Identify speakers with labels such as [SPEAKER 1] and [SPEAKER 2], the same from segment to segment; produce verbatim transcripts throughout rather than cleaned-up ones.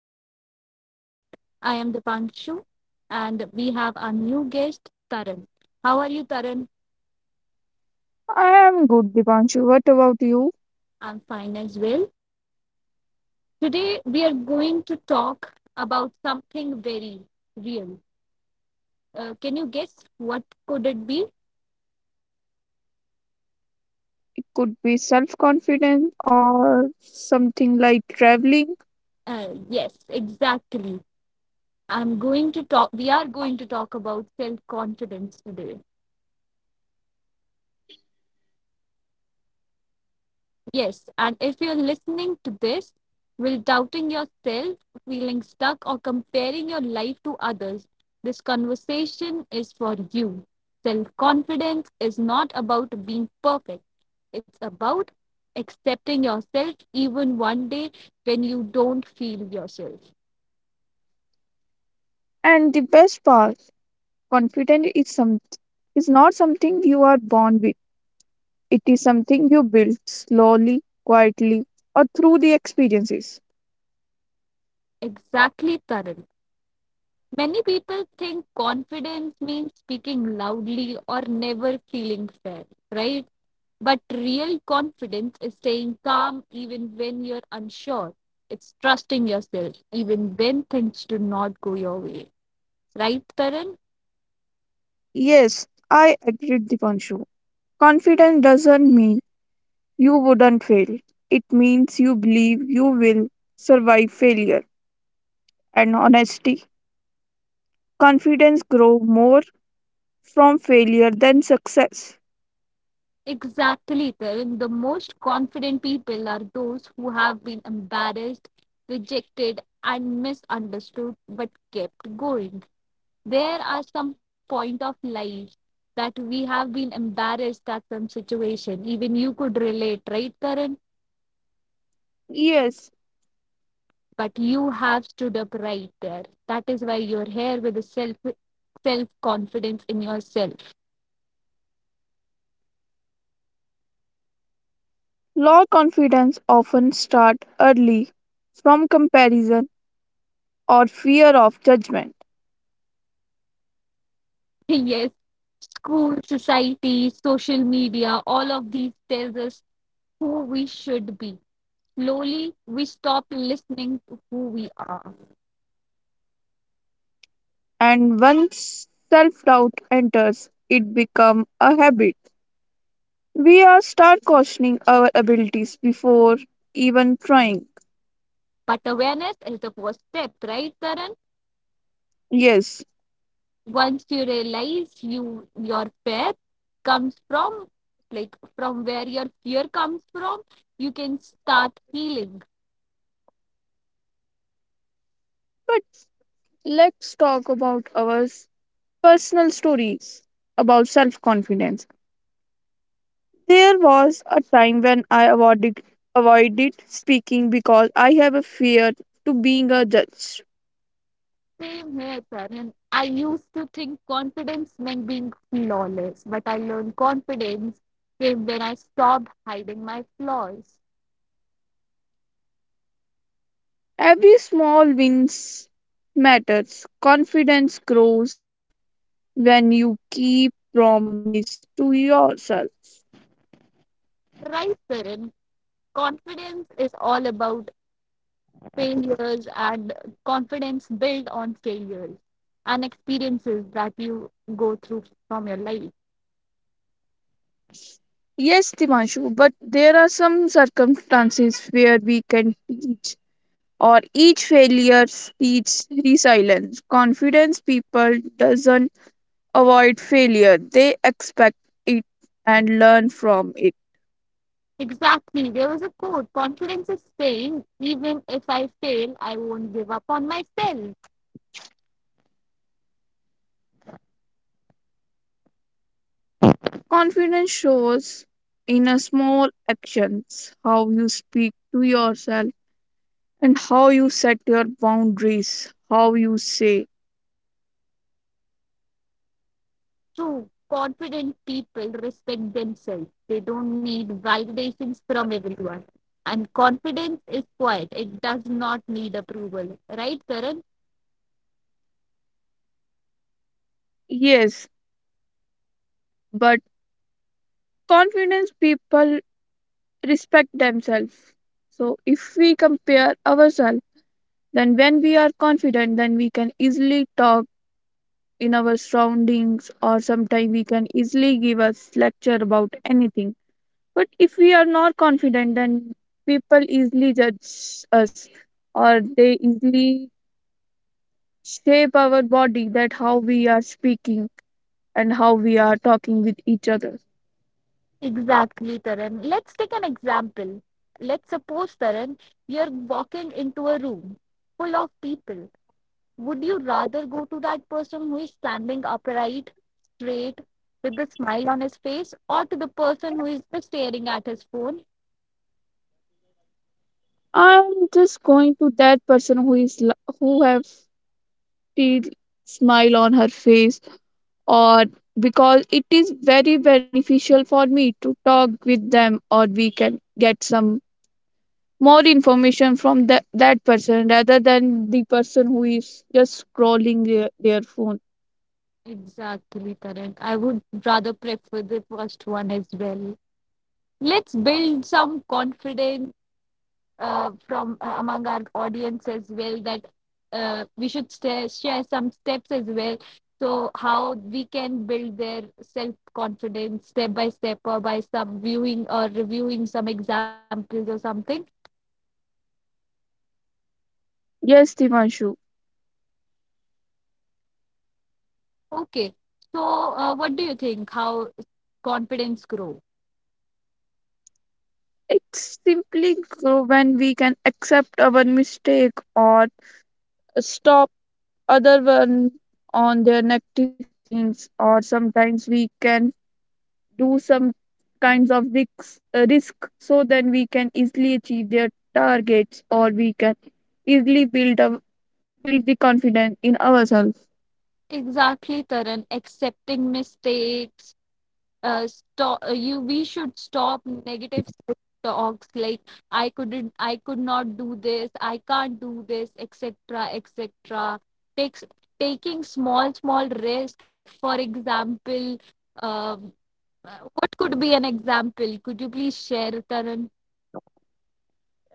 [SPEAKER 1] podcast. I am Dipanshu and we have our new guest, Taran. How are you, Taran?
[SPEAKER 2] I am good, Dipanshu. What about you?
[SPEAKER 1] I'm fine as well. Today we are going to talk about something very real. Uh, can you guess what could it be?
[SPEAKER 2] Could be self confident or something like traveling.
[SPEAKER 1] Uh, yes, exactly. I'm going to talk, we are going to talk about self confidence today. Yes, and if you're listening to this while doubting yourself, feeling stuck, or comparing your life to others, this conversation is for you. Self confidence is not about being perfect, it's about accepting yourself even one day when you don't feel yourself.
[SPEAKER 2] And the best part, confidence is some is not something you are born with. It is something you build slowly, quietly, or through the experiences.
[SPEAKER 1] Exactly, Tarun. Many people think confidence means speaking loudly or never feeling sad, right? But real confidence is staying calm even when you're unsure. It's trusting yourself even when things do not go your way. Right, Taran?
[SPEAKER 2] Yes, I agree, Dipanshu. Confidence doesn't mean you wouldn't fail. It means you believe you will survive failure. And honesty, confidence grow more from failure than success.
[SPEAKER 1] Exactly, Taran. The most confident people are those who have been embarrassed, rejected, and misunderstood but kept going. There are some point of life that we have been embarrassed at some situation, even you could relate, right, Karan?
[SPEAKER 2] Yes,
[SPEAKER 1] But you have stood up right there, that is why you're here with a self self confidence in yourself.
[SPEAKER 2] low confidence often start early from comparison or fear of judgment,
[SPEAKER 1] Yes, school, society, social media, all of these tells us who we should be. Slowly we stop listening to who we are.
[SPEAKER 2] and once self-doubt enters it become a habit. We are start questioning our abilities before even trying.
[SPEAKER 1] But awareness is the first step, right, Karan?
[SPEAKER 2] Yes,
[SPEAKER 1] Once you realize you your faith comes from, like, from where your fear comes from, you can start healing.
[SPEAKER 2] but let's talk about our s- personal stories about self-confidence. There was a time when I avoided, avoided speaking because I have a fear to being a judge.
[SPEAKER 1] Same here, Karan. I used to think confidence meant being flawless, but I learned confidence came when I stopped hiding my flaws.
[SPEAKER 2] Every small wins matters. Confidence grows when you keep promise to yourself.
[SPEAKER 1] Right, Karan? Confidence is all about failures and confidence built on failures and experiences that you go through from your life.
[SPEAKER 2] Yes, Dimanshu, but there are some circumstances where we can teach or each failure teaches resilience. Confidence people doesn't avoid failure. They expect it and learn from it.
[SPEAKER 1] Exactly. There was a quote, confidence is saying, even if I fail, I won't give up on myself.
[SPEAKER 2] Confidence shows in a small actions how you speak to yourself and how you set your boundaries, how you say
[SPEAKER 1] True. Confident people respect themselves, they don't need validations from everyone. And confidence is quiet, it does not need approval. Right, Karan?
[SPEAKER 2] yes. But confidence people respect themselves. So if we compare ourselves, then when we are confident, then we can easily talk in our surroundings, or sometimes we can easily give us lecture about anything. But if we are not confident, then people easily judge us or they easily shape our body that how we are speaking and how we are talking with each other.
[SPEAKER 1] Exactly, Karan. Let's take an example. Let's suppose, Karan, you're walking into a room full of people. Would you rather go to that person who is standing upright, straight, with a smile on his face, or to the person who is just staring at his phone?
[SPEAKER 2] I'm just going to that person who is l- who have teeth smile on her face, or because it is very beneficial for me to talk with them, or we can get some more information from that, that person rather than the person who is just scrolling their, their phone.
[SPEAKER 1] Exactly, Karan. I would rather prefer the first one as well. Let's build some confidence uh, from, uh, among our audience as well, that uh, we should sta share some steps as well. So how we can build their self confidence step by step or by some viewing or reviewing some examples or something.
[SPEAKER 2] Yes, Dimanshu.
[SPEAKER 1] Okay. So uh, what do you think? How confidence grow?
[SPEAKER 2] It's simply grow when we can accept our mistake or stop other one on their negative things, or sometimes we can do some kinds of risks, uh, risk, so then we can easily achieve their targets, or we can easily build up build the confidence in ourselves.
[SPEAKER 1] Exactly, Taran. Accepting mistakes, uh, stop uh, you we should stop negative self talks like, I couldn't, I could not do this, I can't do this, etc, etc. takes Taking small small risk, for example. um, uh, what could be an example, could you please share, Tarun?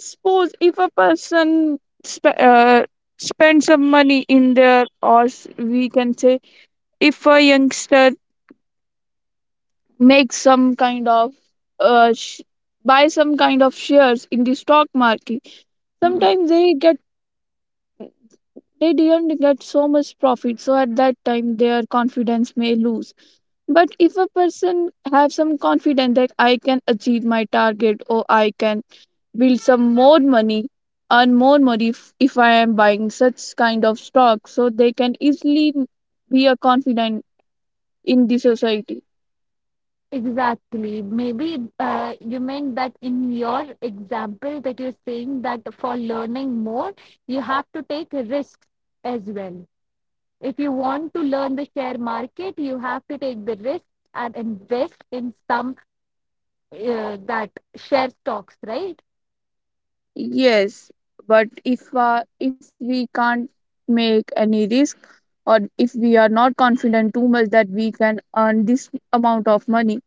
[SPEAKER 2] Suppose if a person sp- uh, spends some money in there, or s- we can say if a youngster makes some kind of uh, sh- buy some kind of shares in the stock market,
[SPEAKER 1] Hmm,
[SPEAKER 2] sometimes they get they didn't get so much profit. So at that time, their confidence may lose. But if a person have some confidence that I can achieve my target, or I can build some more money earn more money if, if I am buying such kind of stock, so they can easily be a confident in the society.
[SPEAKER 1] exactly, maybe uh, you meant that in your example, that you're saying that for learning more you have to take risks as well. If you want to learn the share market, you have to take the risk and invest in some, uh, that share stocks, right?
[SPEAKER 2] Yes, but if uh, if we can't make any risk, or if we are not confident too much that we can earn this amount of money,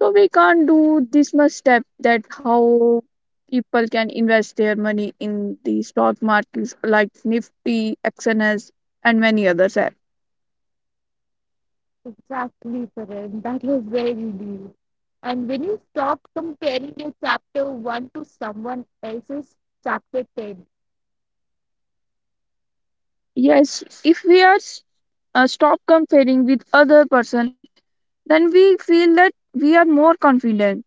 [SPEAKER 2] so we can't do this much step that how people can invest their money in the stock markets like Nifty, X N S, and many others.
[SPEAKER 1] Exactly, Karan. That was very deep. And when you stop comparing your chapter one to someone else's chapter ten,
[SPEAKER 2] Yes, if we are s- uh, stop comparing with other person, then we feel that we are more confident.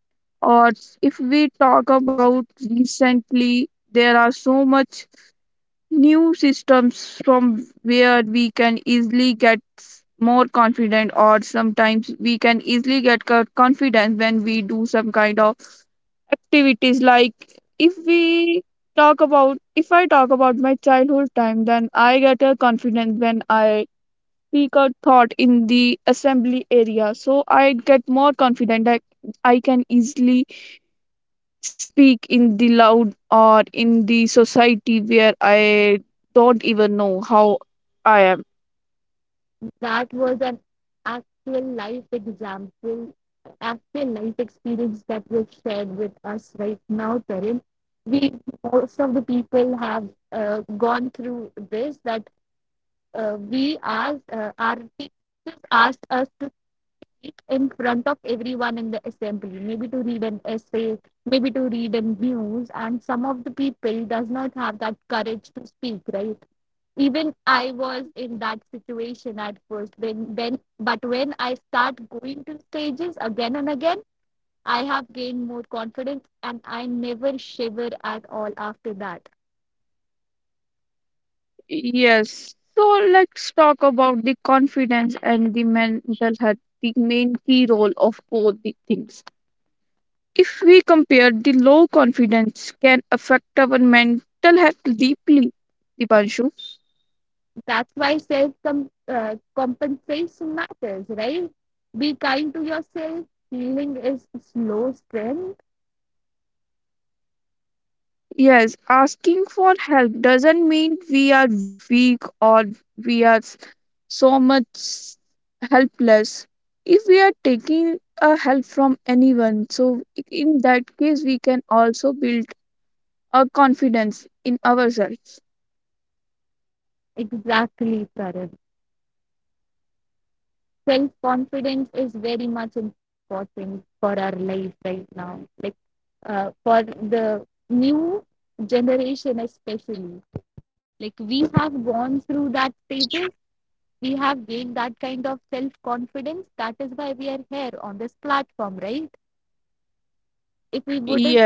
[SPEAKER 2] Or if we talk about recently, there are so much new systems from where we can easily get s- more confident, or sometimes we can easily get co- confidence when we do some kind of activities like if we talk about if I talk about my childhood time, then I get a confidence when I speak a thought in the assembly area, so I get more confident that I can easily speak in the loud or in the society where I don't even know how I am.
[SPEAKER 1] that was an actual life example, actual life experience that was shared with us right now, Karan. We, most of the people have uh, gone through this, that uh, we asked uh, our teachers asked us to speak in front of everyone in the assembly, maybe to read an essay, maybe to read a news, and some of the people does not have that courage to speak, right? Even I was in that situation at first, when when but when I start going to stages again and again, I have gained more confidence and I never shiver at all after that.
[SPEAKER 2] Yes, so let's talk about the confidence and the mental health, the main key role of both the things. If we compare, the low confidence can affect our mental health deeply, Dipanshu.
[SPEAKER 1] That's why self com- uh, compensation matters, right? Be kind to yourself. Healing is slow strength.
[SPEAKER 2] Yes, asking for help doesn't mean we are weak or we are s- so much helpless. If we are taking a help from anyone, so in that case, we can also build a confidence in ourselves.
[SPEAKER 1] Exactly, Karan. Self confidence is very much important for our life right now, like, uh, for the new generation, especially. Like, we have gone through that stages, we have gained that kind of self confidence. That is why we are here on this platform, right? If we
[SPEAKER 2] Yes,
[SPEAKER 1] wouldn't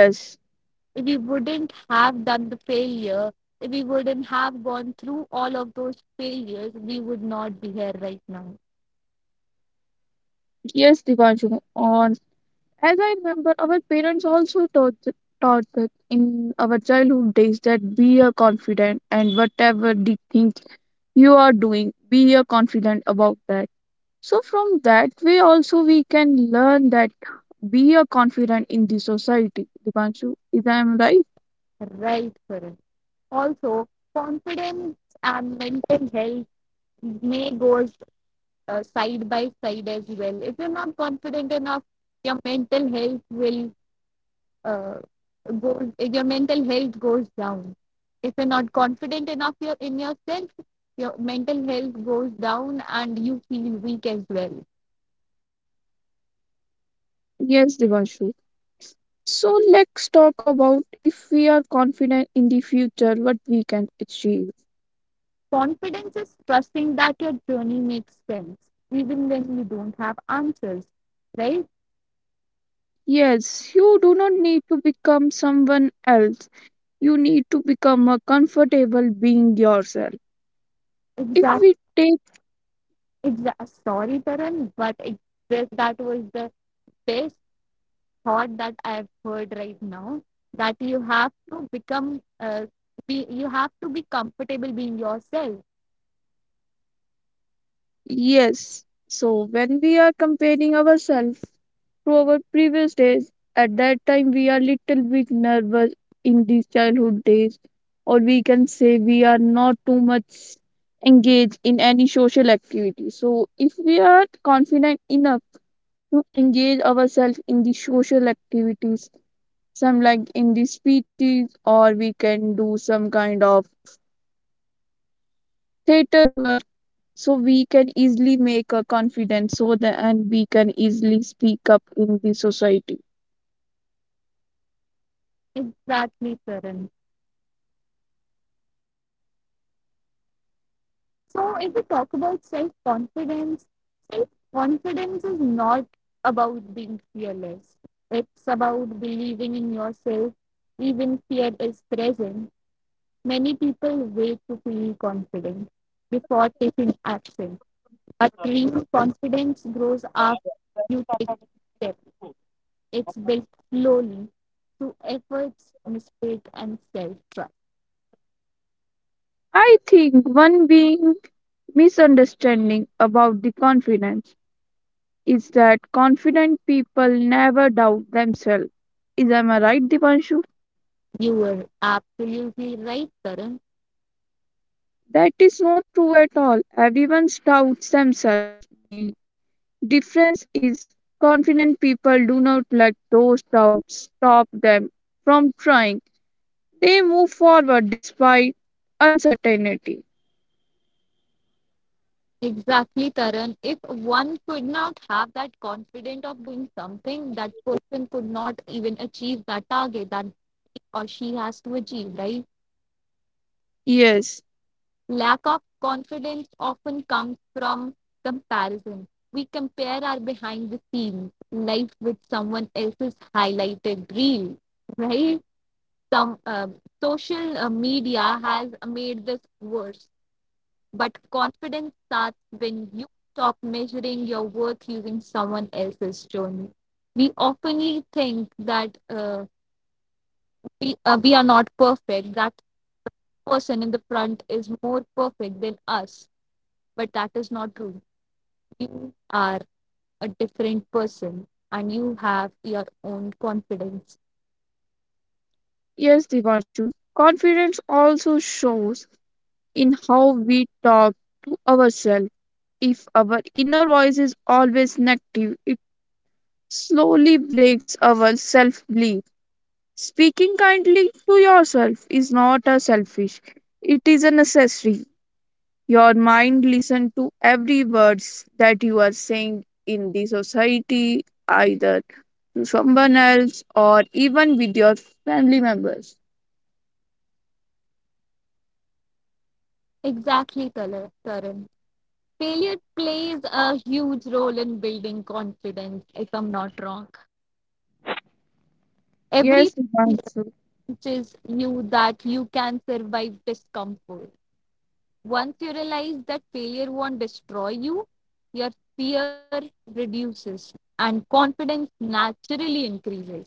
[SPEAKER 1] We wouldn't have done the failure, if we wouldn't have gone through all of those failures, we would not be here right now.
[SPEAKER 2] yes, Dipanshu. On As I remember, our parents also taught, taught us in our childhood days that be a confident and whatever the thing you are doing, be a confident about that. So from that way also we can learn that be a confident in the society. Divanshu, is I am right?
[SPEAKER 1] Right, Karan. Also, confidence and mental health may go, uh, side by side as well. If you're not confident enough, your mental health will, uh, go. Your mental health goes down. If you're not confident enough in yourself, your mental health goes down and you feel weak as well.
[SPEAKER 2] Yes, Divanshu. So let's talk about if we are confident in the future, what we can achieve.
[SPEAKER 1] Confidence is trusting that your journey makes sense, even when you don't have answers, right?
[SPEAKER 2] Yes, you do not need to become someone else. You need to become a comfortable being yourself. If
[SPEAKER 1] Exact,
[SPEAKER 2] we take
[SPEAKER 1] exact. Sorry, Taran, but it, that that was the best thought that I've heard right now. That you have to become, uh, be, you have to be comfortable being yourself.
[SPEAKER 2] yes, so when we are comparing ourselves to our previous days, at that time we are little bit nervous in these childhood days, or we can say we are not too much engaged in any social activity. So if we are confident enough to engage ourselves in the social activities, some like in the speeches, or we can do some kind of stated work, so we can easily make a confidence so that, and we can easily speak up in the society.
[SPEAKER 1] Exactly, Taran. So, if we talk about self confidence, self confidence is not about being fearless. It's about believing in yourself, even fear is present. Many people wait to feel confident before taking action. But real confidence grows after you take step. It's built slowly through efforts, mistake, and self trust.
[SPEAKER 2] I think one being misunderstanding about the confidence is that confident people never doubt themselves, is am I right, Divanshu?
[SPEAKER 1] You were absolutely right, Karan.
[SPEAKER 2] That is not true at all. Everyone doubts themselves. The difference is confident people do not let those doubts stop them from trying. They move forward despite uncertainty.
[SPEAKER 1] Exactly, Taran. If one could not have that confidence of doing something, that person could not even achieve that target that he or she has to achieve, right?
[SPEAKER 2] Yes,
[SPEAKER 1] Lack of confidence often comes from comparison. We compare our behind the scenes life with someone else's highlighted reel, right? Some um social uh, media has made this worse. But confidence starts when you stop measuring your worth using someone else's journey. We often think that uh, we, uh, we are not perfect, that person in the front is more perfect than us, but that is not true. You are a different person and you have your own confidence.
[SPEAKER 2] yes, Divanshu. Confidence also shows in how we talk to ourselves. If our inner voice is always negative, it slowly breaks our self belief. Speaking kindly to yourself is not a selfish, it is a necessary. Your mind listens to every words that you are saying in the society, either to someone else or even with your family members.
[SPEAKER 1] Exactly, Tala- Tarun. Failure plays a huge role in building confidence, if I'm not wrong.
[SPEAKER 2] Yes, Dipanshu.
[SPEAKER 1] Every teaches you that you can survive discomfort. Once you realize that failure won't destroy you, your fear reduces and confidence naturally increases.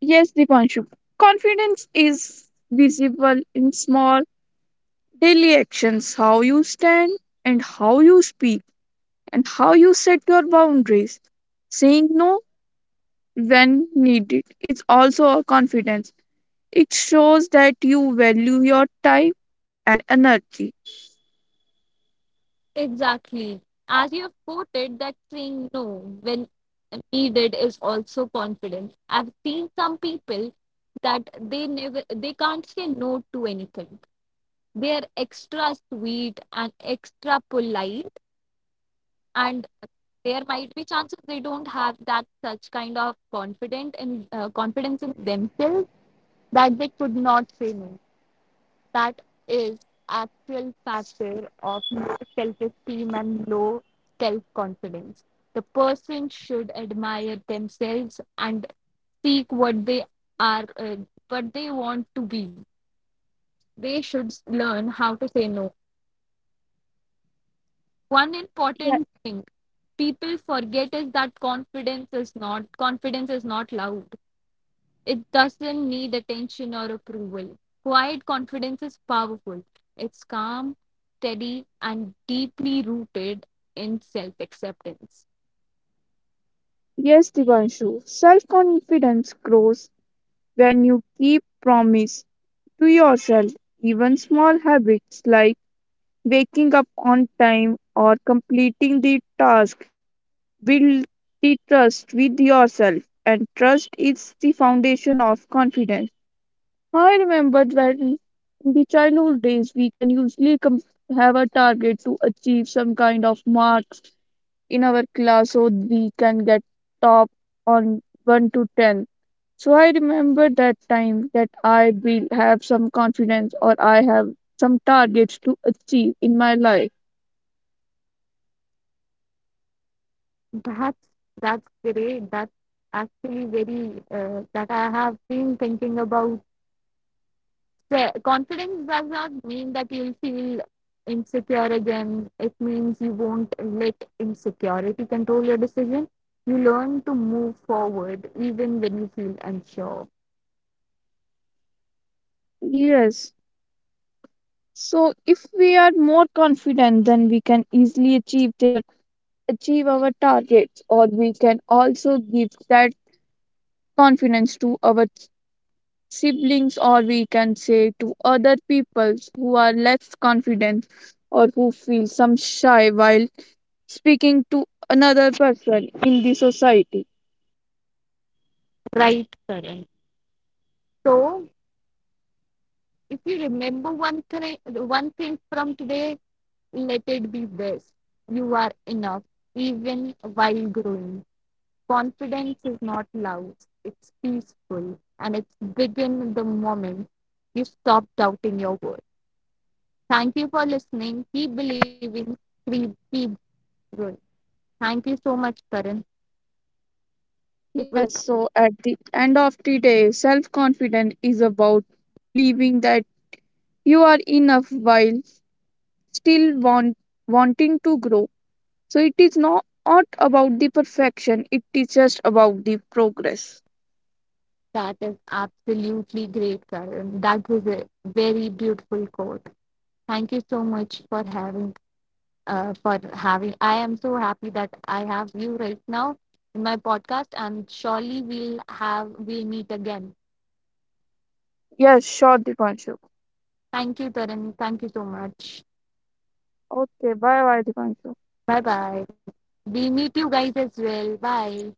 [SPEAKER 2] Yes, Dipanshu. Confidence is visible in small daily actions, how you stand and how you speak and how you set your boundaries. Saying no when needed is also a confidence. It shows that you value your time and energy.
[SPEAKER 1] Exactly. As you have quoted, that saying no when needed is also confidence. I've seen some people that they never they can't say no to anything. They are extra sweet and extra polite, and there might be chances they don't have that such kind of confident in uh, confidence in themselves, that they could not say no. That is actual factor of low self-esteem and low self-confidence. The person should admire themselves and seek what they are, uh, what they want to be. They should learn how to say no. One
[SPEAKER 2] Yeah.
[SPEAKER 1] important thing people forget is that confidence is not confidence is not loud. It doesn't need attention or approval. Quiet confidence is powerful. It's calm, steady, and deeply rooted in self-acceptance.
[SPEAKER 2] Yes, Divanshu. Self confidence grows when you keep promise to yourself. Even small habits like waking up on time or completing the task build the trust with yourself, and trust is the foundation of confidence. I remember when in the childhood days we can usually com- have a target to achieve some kind of marks in our class, so we can get top on one to ten. So I remember that time that I will have some confidence or I have some targets to achieve in my life.
[SPEAKER 1] That's that's great. That's actually very, uh, that I have been thinking about, se- confidence does not mean that you'll feel insecure again. It means you won't let insecurity control your decision. You learn to move forward even when you feel unsure.
[SPEAKER 2] Yes. So if we are more confident, then we can easily achieve their achieve our targets, or we can also give that confidence to our siblings, or we can say to other people who are less confident or who feel some shy while speaking to another person in the society.
[SPEAKER 1] Right, Karan. So, if you remember one thing, one thing from today, let it be this: you are enough, even while growing. Confidence is not loud; it's peaceful, and it's begin the moment you stop doubting your worth. Thank you for listening. Keep believing. Keep, keep growing. Thank you so much, Karan. It was,
[SPEAKER 2] Yes, so at the end of the day, self confidence is about believing that you are enough while still want wanting to grow. So it is not not about the perfection, it is just about the progress.
[SPEAKER 1] that is absolutely great, Karan. That was a very beautiful quote. Thank you so much for having uh, for having. I am so happy that I have you right now in my podcast, and surely we'll have we'll meet again.
[SPEAKER 2] Yes, sure, Dipanshu.
[SPEAKER 1] Thank you, Karan. Thank you so much.
[SPEAKER 2] Okay, bye bye, Dipanshu.
[SPEAKER 1] Bye bye. We meet you guys as well. Bye.